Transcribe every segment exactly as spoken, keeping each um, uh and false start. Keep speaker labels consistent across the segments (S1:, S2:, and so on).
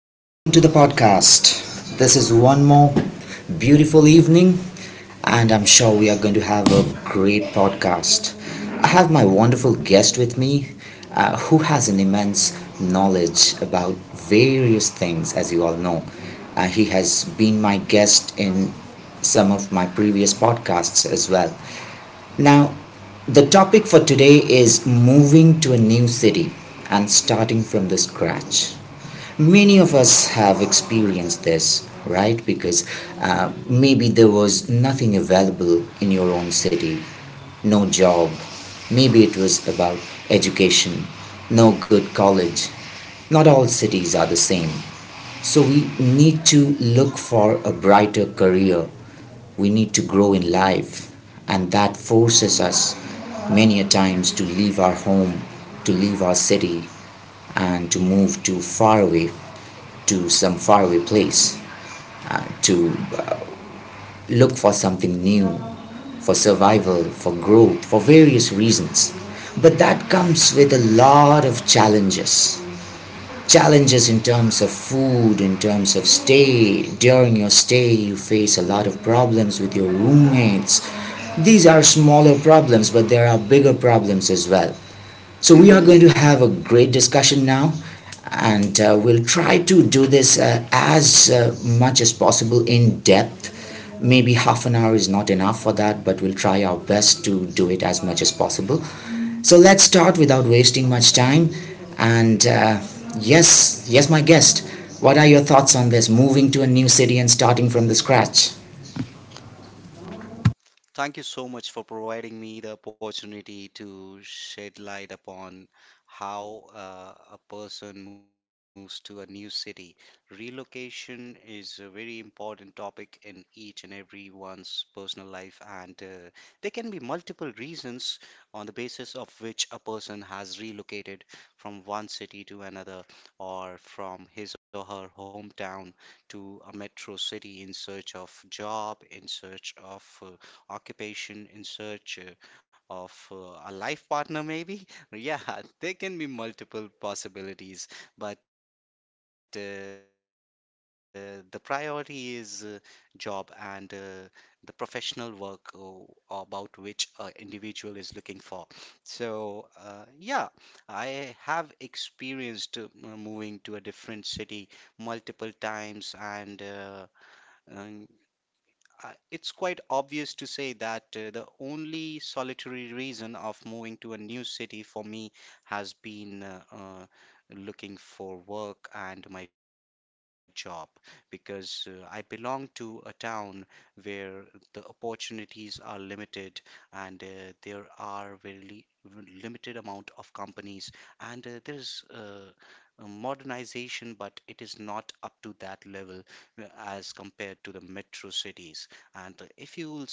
S1: Welcome to the podcast. This is one more beautiful evening, and I'm sure we are going to have a great podcast. I have my wonderful guest with me uh, who has an immense knowledge about various things, as you all know. Uh, he has been my guest in some of my previous podcasts as well. Now, the topic for today is moving to a new city and starting from the scratch. Many of us have experienced this, right? Because uh, maybe there was nothing available in your own city, no job. Maybe it was about education, no good college. Not all cities are the same. So we need to look for a brighter career. We need to grow in life. And that forces us many a times to leave our home, to leave our city, and to move to far away to some faraway place to uh, look for something new, for survival, for growth, for various reasons. But that comes with a lot of challenges. Challenges in terms of food, in terms of stay. During your stay, you face a lot of problems with your roommates. These are smaller problems, but there are bigger problems as well. So we are going to have a great discussion now, and uh, we'll try to do this uh, as uh, much as possible in depth. Maybe half an hour is not enough for that, but we'll try our best to do it as much as possible. So let's start without wasting much time. And uh, yes, yes, my guest, what are your thoughts on this moving to a new city and starting from the scratch?
S2: Thank you so much for providing me the opportunity to shed light upon how uh, a person moves to a new city. Relocation is a very important topic in each and everyone's personal life, and uh, there can be multiple reasons on the basis of which a person has relocated from one city to another, or from his or her hometown to a metro city in search of job, in search of uh, occupation, in search uh, of uh, a life partner, maybe. Yeah, there can be multiple possibilities, but uh, the priority is uh, job and uh, the professional work uh, about which an individual is looking for. So, uh, yeah, I have experienced uh, m- moving to a different city multiple times and uh, um, I- it's quite obvious to say that uh, the only solitary reason of moving to a new city for me has been uh, uh, looking for work and my job, because uh, I belong to a town where the opportunities are limited, and uh, there are very li- limited amount of companies, and uh, there's uh, a modernization but it is not up to that level uh, as compared to the metro cities. And uh, If you will see that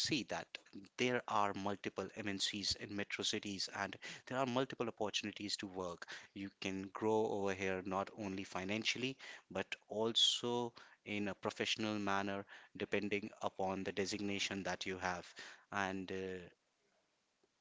S2: there are multiple M N Cs in metro cities, and there are multiple opportunities to work. You can grow over here not only financially but also in a professional manner, depending upon the designation that you have. And uh,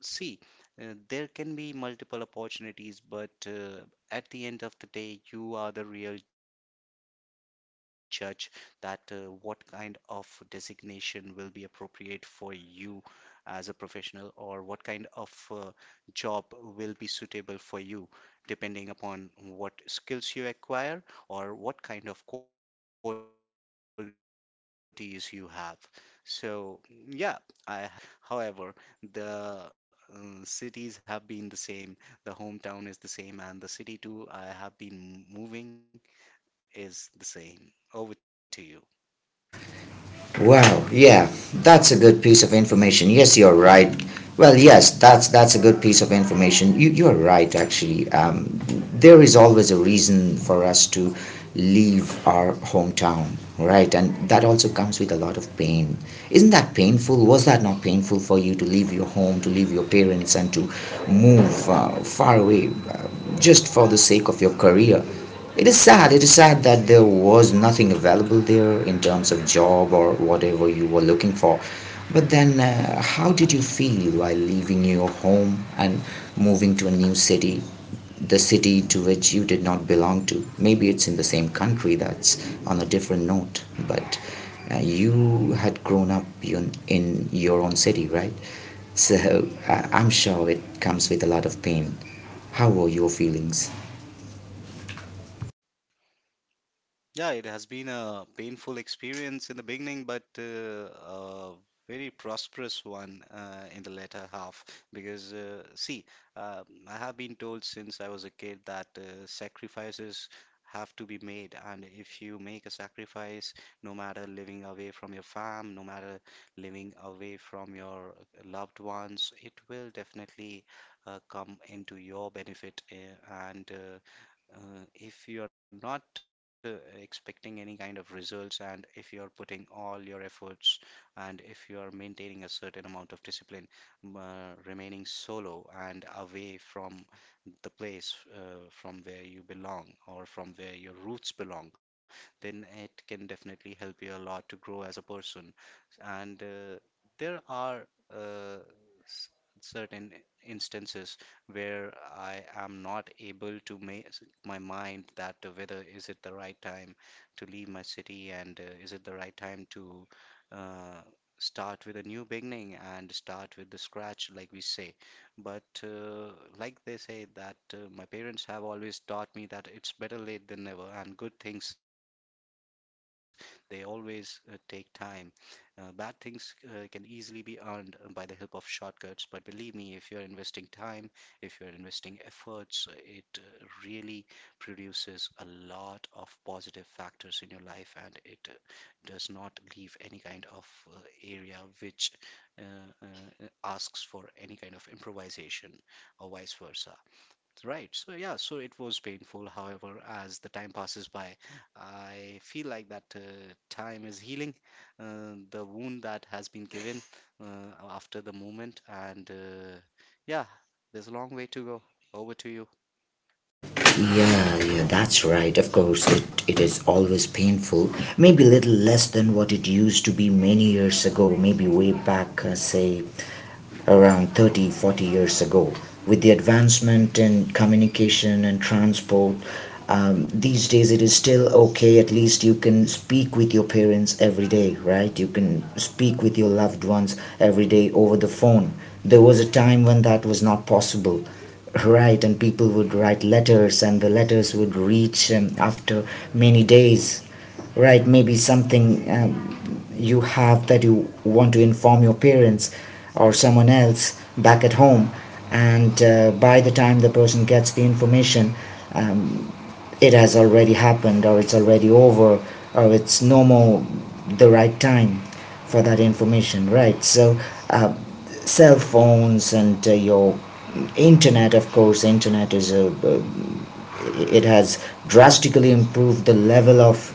S2: See, uh, there can be multiple opportunities, but uh, at the end of the day, you are the real judge that uh, what kind of designation will be appropriate for you as a professional, or what kind of uh, job will be suitable for you, depending upon what skills you acquire or what kind of qualities you have. So, yeah, I have experienced relocating to a m- new city multiple times. However, the uh, cities have been the same, the hometown is the same, and the city too I have been moving is the same. Over to you.
S1: Wow, yeah, that's a good piece of information. Yes, you're right. Well, yes, that's that's a good piece of information. You you're right actually. Um, there is always a reason for us to leave our hometown, right? And that also comes with a lot of pain. Isn't that painful? Was that not painful for you to leave your home, to leave your parents, and to move uh, far away uh, just for the sake of your career? It is sad, it is sad that there was nothing available there in terms of job or whatever you were looking for. But then, uh, how did you feel while leaving your home and moving to a new city, the city to which you did not belong to? Maybe it's in the same country, that's on a different note, but uh, you had grown up in, in your own city, right? So uh, I'm sure it comes with a lot of pain. How were your feelings?
S2: Yeah, it has been a painful experience in the beginning, but uh, a very prosperous one uh, in the latter half. Because, uh, see, um I have been told since I was a kid that uh, sacrifices have to be made. And if you make a sacrifice, no matter living away from your fam, no matter living away from your loved ones, it will definitely uh, come into your benefit. Uh, and uh, uh, If you're not uh, expecting any kind of results, and if you're putting all your efforts, and if you're maintaining a certain amount of discipline, m- uh, remaining solo and away from the place uh, from where you belong or from where your roots belong, then it can definitely help you a lot to grow as a person. And uh, there are uh, s- certain instances where I am not able to make my mind that uh, whether is it the right time to leave my city, and uh, is it the right time to uh, start with a new beginning and start with the scratch, like we say. But uh, like they say that uh, my parents have always taught me that it's better late than never, and good things, they always uh, take time. Uh, bad things uh, can easily be earned by the help of shortcuts, but believe me, if you're investing time, if you're investing efforts, it uh, really produces a lot of positive factors in your life, and it uh, does not leave any kind of uh, area which uh, uh, uh, asks for any kind of improvisation or vice versa, right? So yeah, so it was painful. However, as the time passes by, I feel like that uh, time is healing uh, the wound that has been given uh, after the moment. And uh, yeah, there's a long way to go. Over to you.
S1: Yeah, yeah, that's right. Of course, it, it is always painful. Maybe little less than what it used to be many years ago, maybe way back, uh, say, around thirty, forty years ago. With the advancement in communication and transport, um, these days it is still okay. At least you can speak with your parents every day, right? You can speak with your loved ones every day over the phone. There was a time when that was not possible, right? And people would write letters and the letters would reach um, after many days. Right, maybe something um, you have that you want to inform your parents or someone else back at home, and uh, by the time the person gets the information, it has already happened, or it's already over, or it's no more the right time for that information, right? So, uh, cell phones and uh, your internet. Of course, internet is a, uh, it has drastically improved the level of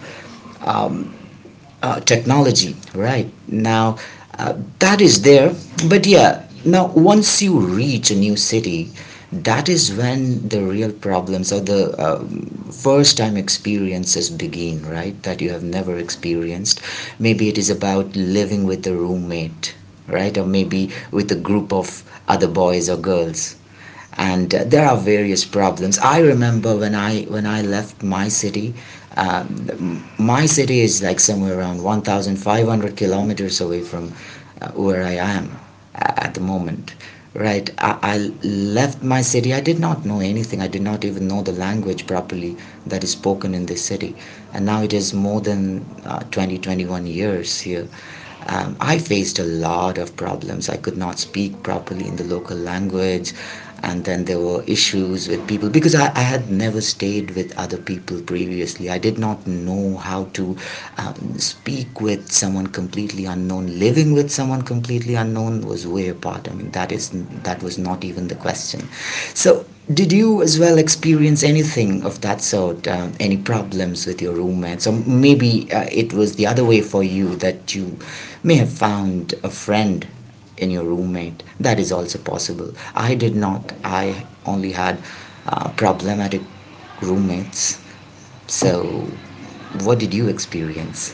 S1: uh, technology right now uh, that is there. But yeah, now once you reach a new city, that is when the real problems or the um, first time experiences begin, right, that you have never experienced. Maybe it is about living with a roommate, right, or maybe with a group of other boys or girls, and uh, there are various problems. I remember when I when I left my city. Um, my city is like somewhere around one thousand five hundred kilometers away from uh, where I am uh, at the moment, right. I, I left my city. I did not know anything. I did not even know the language properly that is spoken in this city. And now it is more than uh, twenty twenty-one years here. Um, I faced a lot of problems. I could not speak properly in the local language, and then there were issues with people because I, I had never stayed with other people previously. I did not know how to um, speak with someone completely unknown. Living with someone completely unknown was way apart. I mean, that is, that was not even the question. So, did you as well experience anything of that sort? Um, any problems with your roommates, or maybe uh, it was the other way for you that you may have found a friend in your roommate? That is also possible. I did not. I only had uh, problematic roommates. So what did you experience?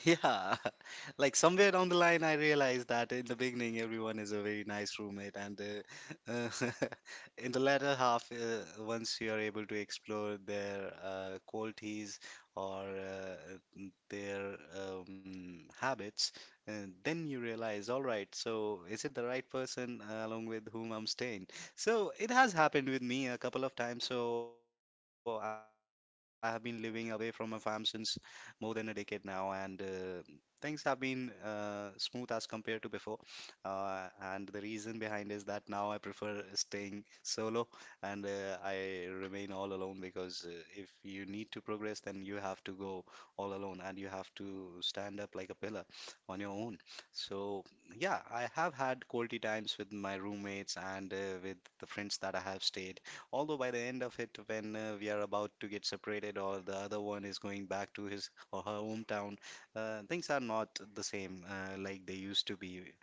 S2: Yeah, like somewhere down the line, I realized that in the beginning, everyone is a very nice roommate, and uh, uh, in the latter half, uh, once you are able to explore their uh, qualities or uh, n- their um, habits, uh, then you realize, all right, so is it the right person uh, along with whom I'm staying? So it has happened with me a couple of times. So I have been living away from my fam since more than a decade now, and uh, things have been uh, smooth as compared to before. uh, and the reason behind is that now I prefer staying solo, and uh, I remain all alone, because uh, if you need to progress, then you have to go all alone, and you have to stand up like a pillar on your own. So yeah, I have had quality times with my roommates and uh, with the friends that I have stayed. Although by the end of it, when uh, we are about to get separated or the other one is going back to his or her hometown, uh, things are not the same uh, like they used to be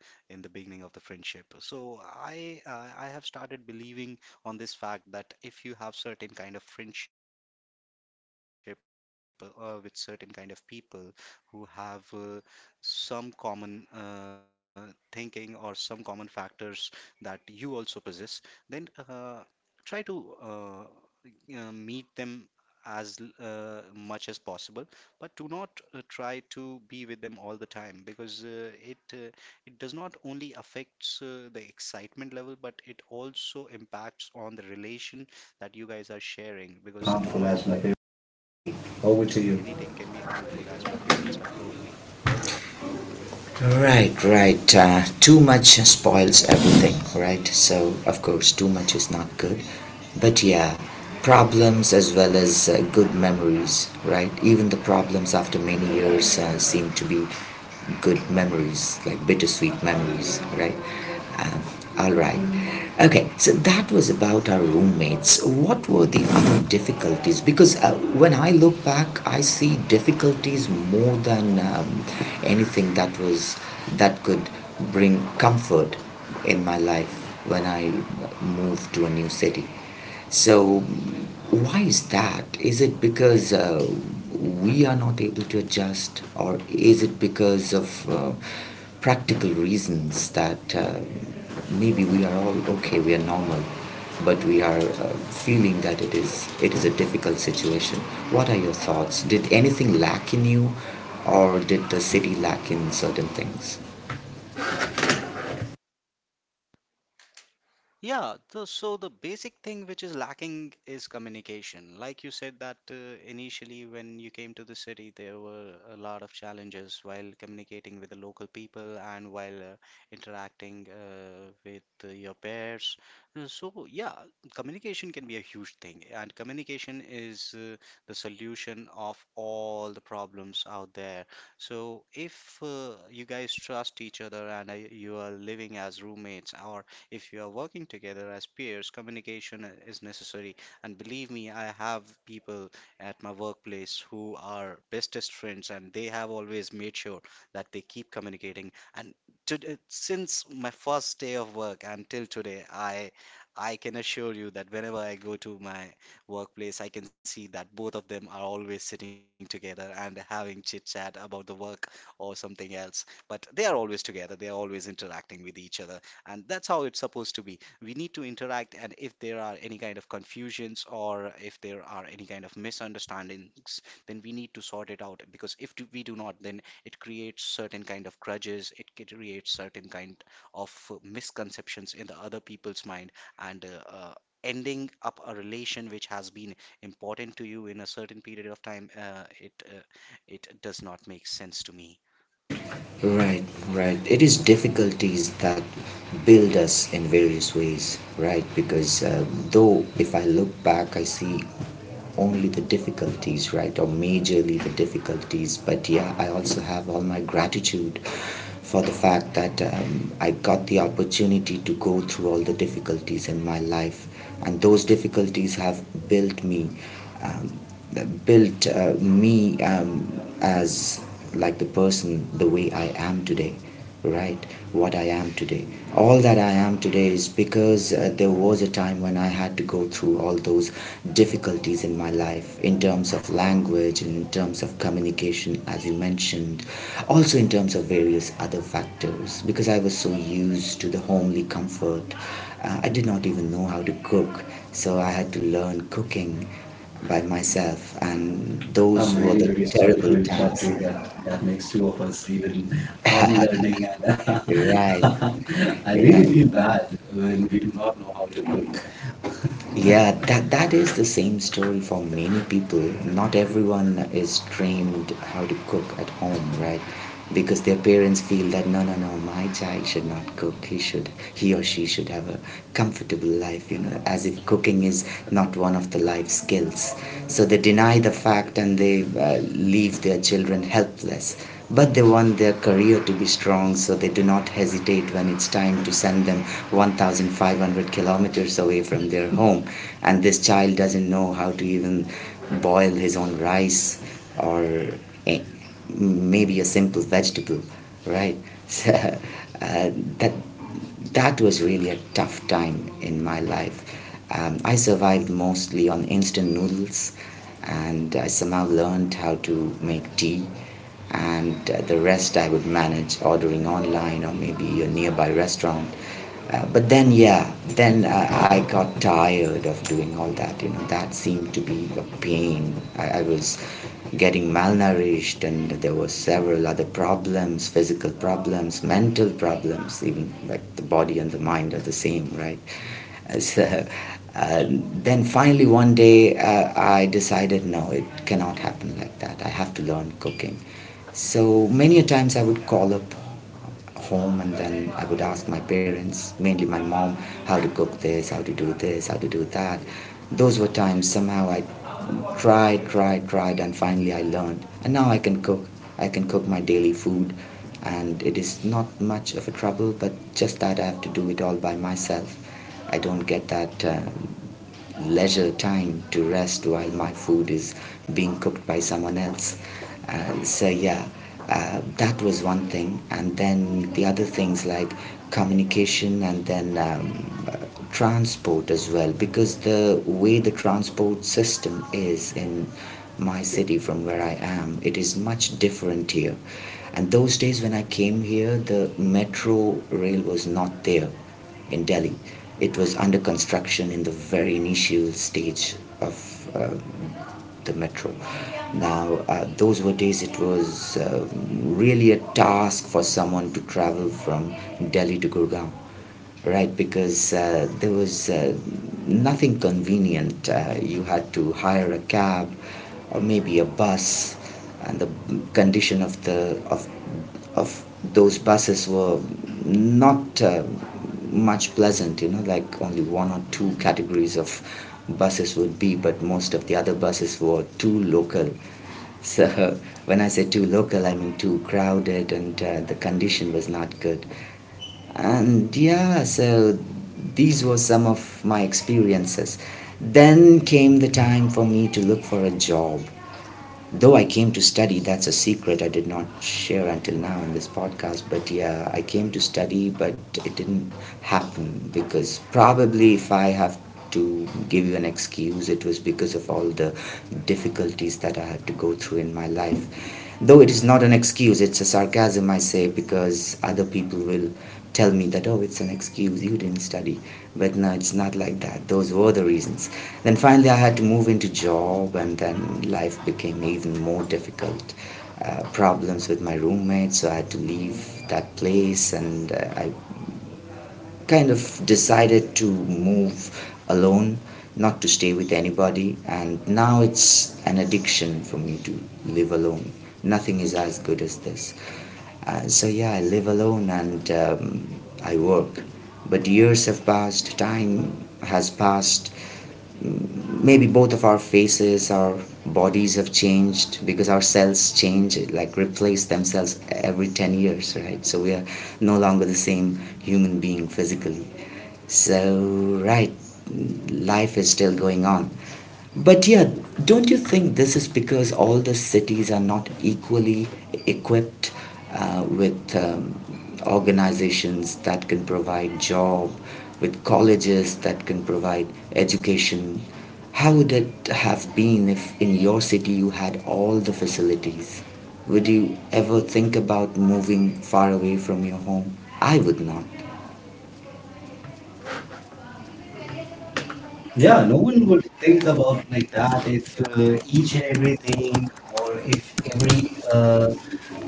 S2: in the beginning of the friendship. So I uh, I have started believing on this fact that if you have certain kind of friendship uh, with certain kind of people who have uh, some common uh, thinking or some common factors that you also possess, then uh, try to. Uh, uh, meet them as l- uh, much as possible, but do not uh, try to be with them all the time, because uh, it uh, it does not only affects uh, the excitement level, but it also impacts on the relation that you guys are sharing, because too much of anything can be harmful, as my parents have
S1: Over
S2: told
S1: to
S2: me.
S1: you.
S2: Over to you.
S1: Right, right. Uh, too much spoils everything, right? So of course too much is not good. But yeah, problems as well as uh, good memories, right? Even the problems after many years uh, seem to be good memories, like bittersweet memories, right? Um, all right. Okay, so that was about our roommates. What were the other difficulties? Because uh, when I look back, I see difficulties more than um, anything that was, that could bring comfort in my life when I moved to a new city. So, why is that? Is it because uh, we are not able to adjust, or is it because of uh, practical reasons that uh, maybe we are all okay, we are normal, but we are uh, feeling that it is it is a difficult situation? What are your thoughts? Did anything lack in you, or did the city lack in certain things?
S2: Yeah, the, so the basic thing which is lacking is communication. Like you said that uh, initially when you came to the city, there were a lot of challenges while communicating with the local people and while uh, interacting uh, with uh, your peers. Uh, So yeah, communication can be a huge thing, and communication is uh, the solution of all the problems out there. So if uh, you guys trust each other, and uh, you are living as roommates, or if you are working together as peers, communication uh, is necessary. And believe me, I have people at my workplace who are bestest friends, and they have always made sure that they keep communicating. And to, uh, since my first day of work until today, I I can assure you that whenever I go to my workplace, I can see that both of them are always sitting together and having chit chat about the work or something else. But they are always together, they are always interacting with each other, and that's how it's supposed to be. We need to interact, and if there are any kind of confusions or if there are any kind of misunderstandings, then we need to sort it out, because if do, we do not, then it creates certain kind of grudges, it c- creates certain kind of misconceptions in the other people's mind, and uh, uh, ending up a relation which has been important to you in a certain period of time, uh, it uh, it does not make sense to me.
S1: Right, right. It is difficulties that build us in various ways, right? Because uh, though if I look back, I see only the difficulties, right? Or majorly the difficulties. But yeah, I also have all my gratitude for the fact that um, I got the opportunity to go through all the difficulties in my life. And those difficulties have built me, um, built uh, me um, as like the person, the way I am today, right? What I am today. All that I am today is because uh, there was a time when I had to go through all those difficulties in my life in terms of language, in terms of communication, as you mentioned, also in terms of various other factors because I was so used to the homely comfort. Uh, I did not even know how to cook, so I had to learn cooking by myself, and those
S2: I'm
S1: I'm were really,
S2: really
S1: the really
S2: very
S1: sorry to
S2: sorry
S1: terrible
S2: to
S1: interrupt times.
S2: interrupt you,
S1: You.
S2: but
S1: That
S2: that
S1: that makes
S2: makes
S1: two
S2: two
S1: of
S2: of us.
S1: us
S2: Even
S1: even
S2: I'm learning,
S1: formulating.
S2: and
S1: Right, And I
S2: I
S1: really
S2: really
S1: right.
S2: feel
S1: feel
S2: bad
S1: bad when
S2: when
S1: we
S2: we
S1: do
S2: do not
S1: not
S2: know
S1: know how
S2: how
S1: to
S2: to cook.
S1: cook. Yeah, that that is the same story for many people. Not everyone is trained how to cook at home, right? Because their parents feel that no, no, no, my child should not cook. He should, he or she should have a comfortable life, you know, as if cooking is not one of the life skills. So they deny the fact and they uh, leave their children helpless, but they want their career to be strong, so they do not hesitate when it's time to send them one thousand five hundred kilometers away from their home, and this child doesn't know how to even boil his own rice, or eh, maybe a simple vegetable, right? So, uh, that that was really a tough time in my life. Um, I survived mostly on instant noodles, and I somehow learned how to make tea. And uh, the rest I would manage ordering online or maybe a nearby restaurant. Uh, but then, yeah, then uh, I got tired of doing all that. You know, that seemed to be a pain. I, I was getting malnourished, and there were several other problems, physical problems, mental problems, even like the body and the mind are the same, right? Uh, So, uh, then finally, one day, uh, I decided no, it cannot happen like that. I have to learn cooking. So, many a times I would call up home and then I would ask my parents, mainly my mom, how to cook this, how to do this, how to do that. Those were times somehow I tried, tried, tried, and finally I learned. And now I can cook. I can cook my daily food, and it is not much of a trouble, but just that I have to do it all by myself. I don't get that um leisure time to rest while my food is being cooked by someone else. Uh, so yeah, uh, that was one thing, and then the other things like communication and then um, uh, transport as well, because the way the transport system is in my city from where I am, it is much different here. And those days when I came here, the metro rail was not there in Delhi. It was under construction in the very initial stage of um the metro. Now, uh, those were days it was um really a task for someone to travel from Delhi to Gurgaon, right? Because uh, there was uh, nothing convenient. Uh, you had to hire a cab or maybe a bus, and the condition of the of of those buses were not uh, much pleasant, you know, like only one or two categories of buses would be, but most of the other buses were too local. So when I say too local, I mean too crowded, and uh, the condition was not good. And yeah, so these were some of my experiences. Then came the time for me to look for a job, though I came to study. That's a secret I did not share until now in this podcast. But yeah, I came to study, but it didn't happen because probably if I have to give you an excuse, it was because of all the difficulties that I had to go through in my life. Though it is not an excuse, it's a sarcasm I say because other people will tell me that, oh, it's an excuse, you didn't study. But no, it's not like that. Those were the reasons. Then finally, I had to move into job, and then life became even more difficult. Uh, problems with my roommate, so I had to leave that place, and uh, I kind of decided to move alone, not to stay with anybody, and now it's an addiction for me to live alone. Nothing is as good as this. Uh, so yeah, I live alone and um, I work. But years have passed, time has passed, maybe both of our faces our bodies have changed because our cells change like replace themselves every ten years, right? So we are no longer the same human being physically, so right, life is still going on, but yeah, don't you think this is because all the cities are not equally equipped uh, with um, organizations that can provide job, with colleges that can provide education? How would it have been if in your city you had all the facilities? Would you ever think about moving far away from your home? I would not.
S2: Yeah,
S1: Yeah, no
S2: no
S1: one
S2: one would
S1: would think
S2: think about
S1: about
S2: like
S1: like
S2: that
S1: that if
S2: if uh,
S1: uh,
S2: each
S1: each
S2: and
S1: and everything
S2: everything,
S1: or
S2: or
S1: if
S2: if
S1: every
S2: every uh,
S1: uh,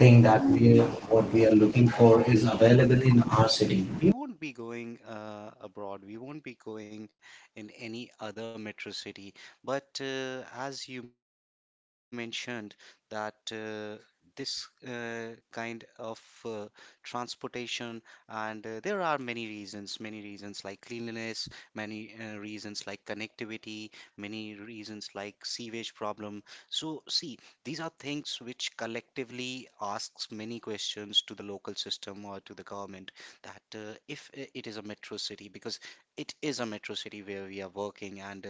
S2: thing that
S1: that we
S2: we, what
S1: what
S2: we
S1: we
S2: are
S1: are
S2: looking
S1: looking
S2: for
S1: for
S2: is
S1: is available
S2: available
S1: in
S2: in our
S1: our
S2: city.
S1: city.
S2: We won't be going uh, abroad. We won't be going in any other metro city. But uh, as you mentioned that uh, this uh, kind of uh, transportation and uh, there are many reasons, many reasons like cleanliness, many uh, reasons like connectivity, many reasons like sewage problem. So see, these are things which collectively asks many questions to the local system or to the government that uh, if I- it is a metro city, because it is a metro city where we are working, and uh,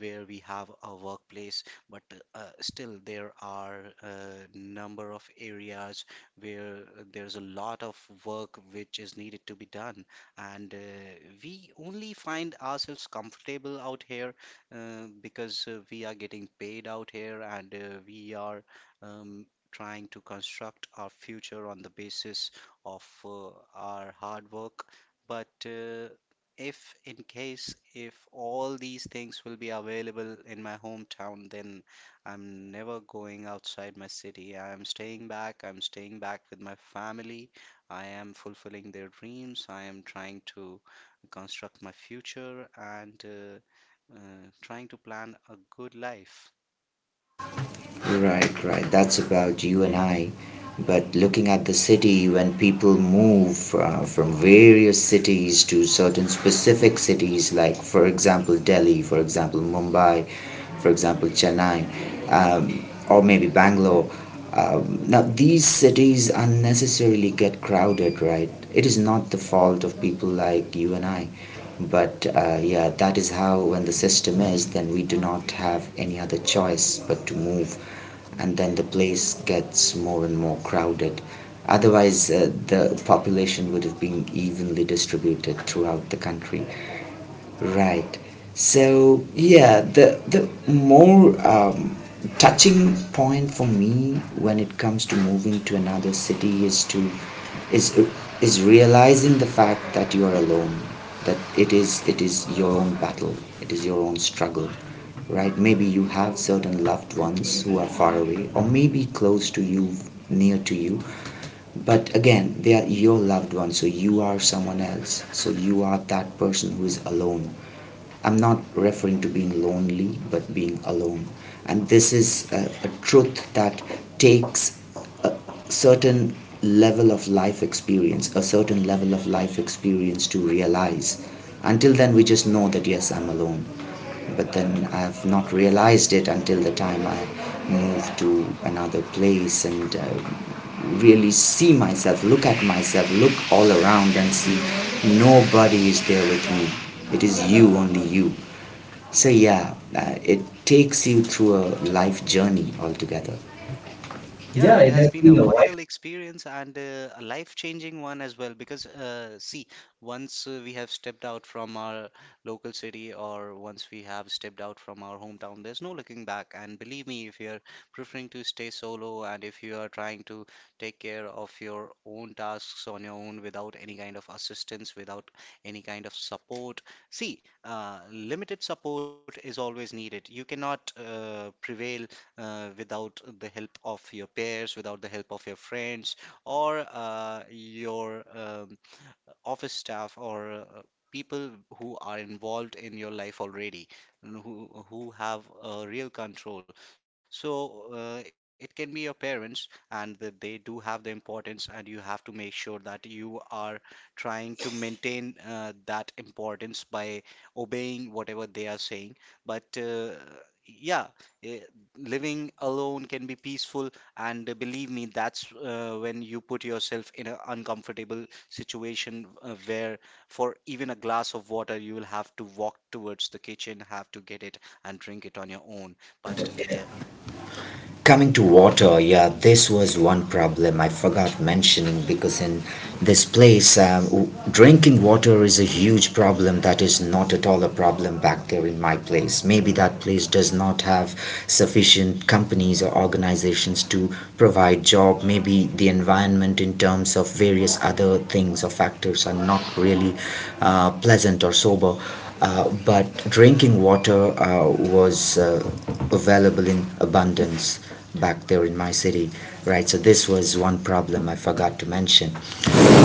S2: where we have a workplace, but uh, uh, still there are a number of areas where there's a lot of work which is needed to be done, and uh, we only find ourselves comfortable out here, uh, because uh, we are getting paid out here, and uh, we are um, trying to construct our future on the basis of uh, our hard work. But uh, if, in case, if all these things will be available in my hometown, then I'm never going outside my city. I'm staying back. I'm staying back with my family. I am fulfilling their dreams. I am trying to construct my future, and uh, uh, trying to plan a good life.
S1: Right, right. That's about you and I. But looking at the city, when people move uh, from various cities to certain specific cities, like for example Delhi, for example Mumbai, for example Chennai, um, or maybe Bangalore. Um, now these cities unnecessarily get crowded, right? It is not the fault of people like you and I, but uh, yeah, that is how when the system is, then we do not have any other choice but to move, and then the place gets more and more crowded. Otherwise, uh, the population would have been evenly distributed throughout the country. Right. So yeah, the the more um, touching point for me when it comes to moving to another city is to is is realizing the fact that you are alone, that it is it is your own battle, it is your own struggle, right? Maybe you have certain loved ones who are far away, or maybe close to you, near to you, but again, they are your loved ones, so you are someone else. So you are that person who is alone. I'm not referring to being lonely, but being alone. And this is a, a truth that takes a certain level of life experience, a certain level of life experience to realize. Until then, we just know that yes, I'm alone, but then I've not realized it until the time I move to another place and uh, really see myself, look at myself, look all around and see nobody is there with me. It is you, only you. So, yeah, uh, it takes you through a life journey altogether.
S2: Yeah,
S1: Yeah,
S2: it
S1: it
S2: has
S1: has
S2: been a
S1: been a
S2: vital experience and uh, a life-changing one as well. Because, uh, see, once uh, we have stepped out from our local city, or once we have stepped out from our hometown, there's no looking back. And believe me, if you're preferring to stay solo, and if you are trying to take care of your own tasks on your own without any kind of assistance, without any kind of support, see, uh, limited support is always needed. You cannot uh, prevail uh, without the help of your peers, without the help of your friends, or uh, your um, office staff, or uh, people who are involved in your life already, and who who have a real control. So uh, it can be your parents, and that they do have the importance, and you have to make sure that you are trying to maintain uh, that importance by obeying whatever they are saying. but uh, yeah eh, Living alone can be peaceful, and uh, believe me, that's uh, when you put yourself in an uncomfortable situation, uh, where for even a glass of water you will have to walk towards the kitchen, have to get it and drink it on your own. But uh,
S1: while. Coming to water, yeah, this was one problem I forgot mentioning because in this place, um, w- drinking water is a huge problem that is not at all a problem back there in my place. Maybe that place does not have sufficient companies or organizations to provide job, maybe the environment in terms of various other things or factors are not really uh, pleasant or sober, uh, but drinking water uh, was uh, available in abundance back there in my city, right? So this was one problem I forgot to mention.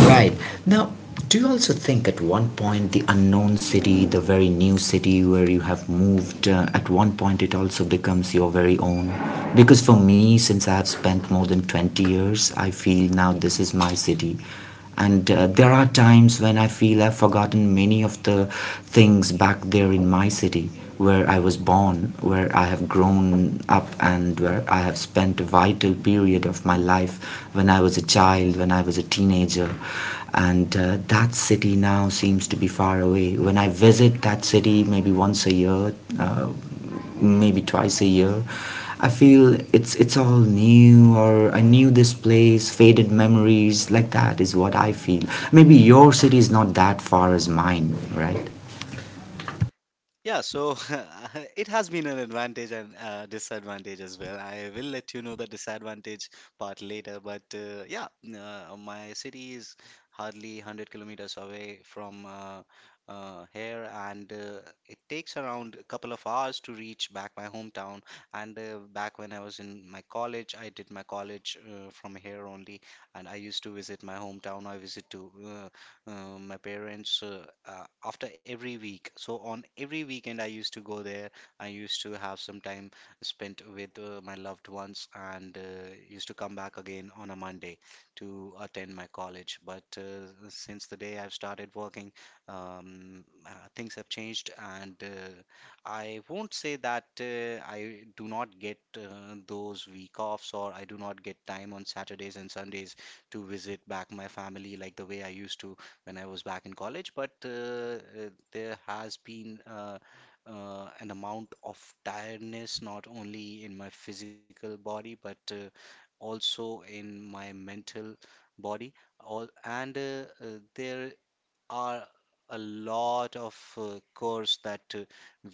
S1: Right. Now, do you also think at one point the unknown city, the very new city where you have moved, uh, at one point it also becomes your very own? Because for me, since I have spent more than twenty years, I feel now this is my city. And uh, there are times when I feel I've forgotten many of the things back there in my city where I was born, where I have grown up, and where I have spent a vital period of my life when I was a child, when I was a teenager. And uh, that city now seems to be far away. When I visit that city, maybe once a year, uh, maybe twice a year, I feel it's it's all new, or I knew this place, faded memories, like that is what I feel. Maybe your city is not that far as mine, right?
S2: Yeah, so it has been an advantage and uh, disadvantage as well. I will let you know the disadvantage part later, but uh, yeah, uh, my city is hardly one hundred kilometers away from uh, uh, here, and uh, it takes around a couple of hours to reach back my hometown. And uh, back when I was in my college, I did my college uh, from here only, and I used to visit my hometown. I visit to uh, uh, my parents uh, uh, after every week. So on every weekend, I used to go there. I used to have some time spent with uh, my loved ones, and uh, used to come back again on a Monday to attend my college. But uh, since the day I've started working, um, uh, things have changed, and uh, I won't say that uh, I do not get uh, those week offs, or I do not get time on Saturdays and Sundays to visit back my family like the way I used to when I was back in college. But uh, uh, there has been uh, uh, an amount of tiredness, not only in my physical body, but uh, also in my mental body all, and uh, uh, there are a lot of uh, chores that uh,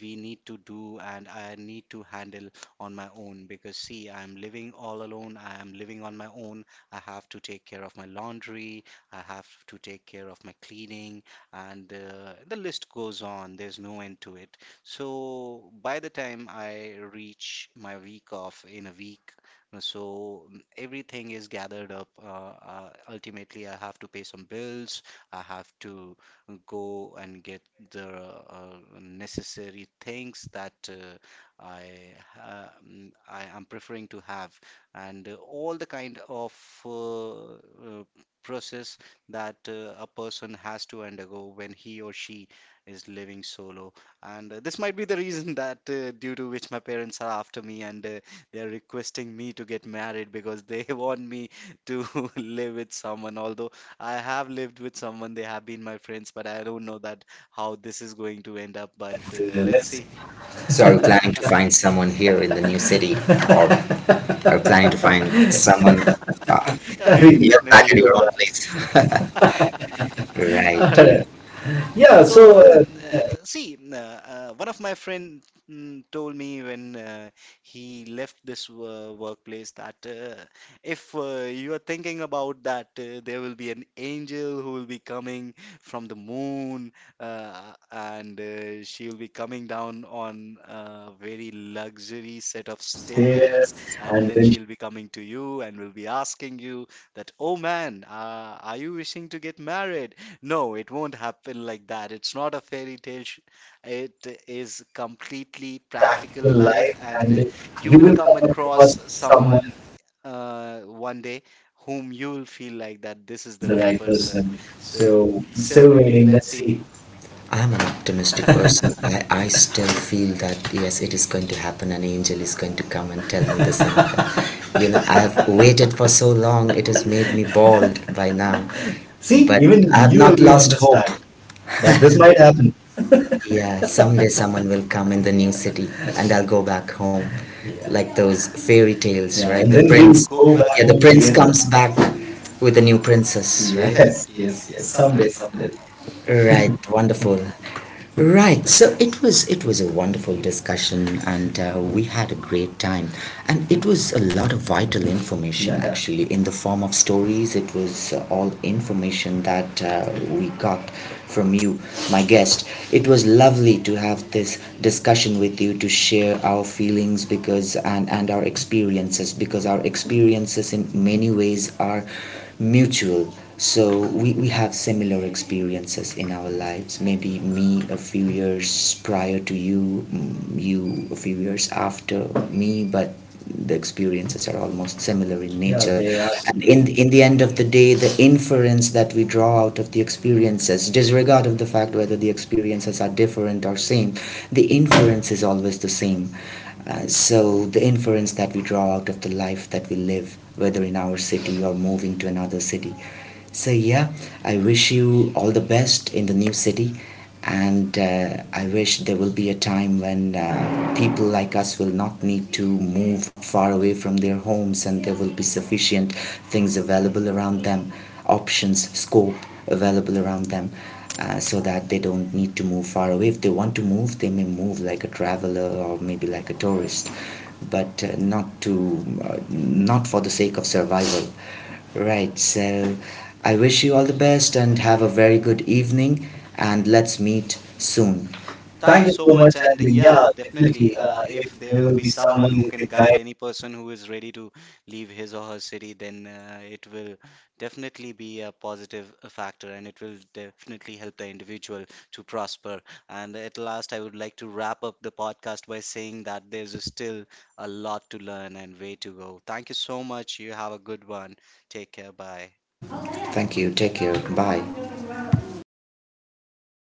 S2: we need to do and I need to handle on my own. Because see, I'm living all alone, I am living on my own. I have to take care of my laundry, I have to take care of my cleaning, and uh, the list goes on. There's no end to it. So by the time I reach my week off in a week, uh, so everything is gathered up. Uh, uh, ultimately, I have to pay some bills, I have to go and get the uh, necessary things that uh, I ha- mm, I am preferring to have, and uh, all the kind of uh, uh, process that uh, a person has to undergo when he or she is living solo. And uh, this might be the reason that uh, due to which my parents are after me, and uh, they are requesting me to get married because they want me to live with someone. Although I have lived with someone, they have been my friends, but I don't know that how this is going to end up. But uh,
S1: Uh,
S2: let's
S1: let's see.
S2: see.
S1: So are you planning to find someone here in the new city, or are you planning to find someone? Uh,
S2: Yeah, we can
S1: you back
S2: definitely
S1: in
S2: do
S1: your own
S2: that.
S1: place, right? Yeah,
S2: So,
S1: so
S2: uh,
S1: uh,
S2: uh, see, n- uh, one of my friend mm, told me, when uh, he left this uh, workplace, that uh, if uh, you are thinking about that, uh, there will be an angel who will be coming from the moon, uh, and uh, she will be coming down on a very luxury set of stairs,
S1: upstairs
S2: and
S1: and
S2: then
S1: then to
S2: she'll be coming to you and will be asking you that, oh man, uh, are you wishing to get married? No, it won't happen like that. It's not a fairy tale. sh- It is completely practical
S1: practical
S2: life,
S1: life,
S2: and
S1: and
S2: uh, you
S1: you
S2: will
S1: will
S2: come
S1: come across
S2: across
S1: someone.
S2: someone uh, one day whom you will feel like that this
S1: This
S2: is
S1: is
S2: the
S1: the
S2: right
S1: right
S2: person.
S1: person.
S2: So,
S1: So
S2: still
S1: still
S2: waiting.
S1: waiting. Let's
S2: Let's see.
S1: see. I'm an optimistic person. I, I still feel that yes, it is going to happen. An angel is going to come and tell me this. And that. You know, I have waited for so long. It has made me bald by now. See,
S2: See,
S1: but even
S2: even
S1: I have you
S2: you
S1: not will
S2: agree on
S1: lost
S2: this
S1: hope.
S2: fact
S1: Understand that
S2: that this
S1: this might
S2: might happen.
S1: happen. Yeah, someday someone will come in the new city and I'll go back home. Yeah. Like those fairy tales, yeah,
S2: Yeah,
S1: right? And
S2: and
S1: the then
S2: then
S1: we'll
S2: we'll
S1: prince,
S2: go
S1: go back
S2: back
S1: yeah, the
S2: home
S1: and prince end
S2: together.
S1: comes back with a new princess, right?
S2: Yes,
S1: Yes,
S2: yes,
S1: yes,
S2: yes.
S1: yes.
S2: Someday,
S1: Someday, someday.
S2: someday.
S1: Right, wonderful. Right. So it was it was a wonderful discussion, and uh, we had a great time. And it was a lot of vital information, yeah, actually, in the form of stories. It was uh, all information that uh, we got from you, my guest. It was lovely to have this discussion with you to share our feelings because and and our experiences, because our experiences in many ways are mutual, so we, we have similar experiences in our lives, maybe me a few years prior to you, mm, you a few years after me, but the experiences are almost similar in yeah,
S2: Yeah,
S1: nature
S2: they
S1: they are
S2: are
S1: and similar.
S2: similar.
S1: In similar. In the end of the day the inference that we draw out of the experiences disregard of the fact whether the experiences are different or same, the inference is always the same. Uh, so the inference that we draw out of the life that we live whether in our city or moving to another city, so, yeah, I wish you all the best in the new city. And uh, I wish there will be a time when uh, people like us will not need to move far away from their homes and there will be sufficient things available around them, options, scope available around them. Uh, so that they don't need to move far away. If they want to move, they may move like a traveler or maybe like a tourist, but uh, not to uh, not for the sake of survival. Right, so I wish you all the best and have a very good evening, and let's meet soon.
S2: Thank
S1: Thank
S2: you
S1: you
S2: so
S1: so
S2: much.
S1: much.
S2: And
S1: And yeah,
S2: yeah, definitely.
S1: definitely, uh,
S2: Uh, if
S1: if
S2: there
S1: there
S2: will
S1: will
S2: be
S1: be someone
S2: someone who
S1: who
S2: can
S1: could guide.
S2: guide any person who is ready to leave his or her city, then uh, it will definitely be a positive uh, factor, and it will definitely help the individual to prosper. And at last, I would like to wrap up the podcast by saying that there's still a lot to learn and way to go. Thank you so much. You have a good one. Take care. Bye.
S1: Thank you, take care, bye.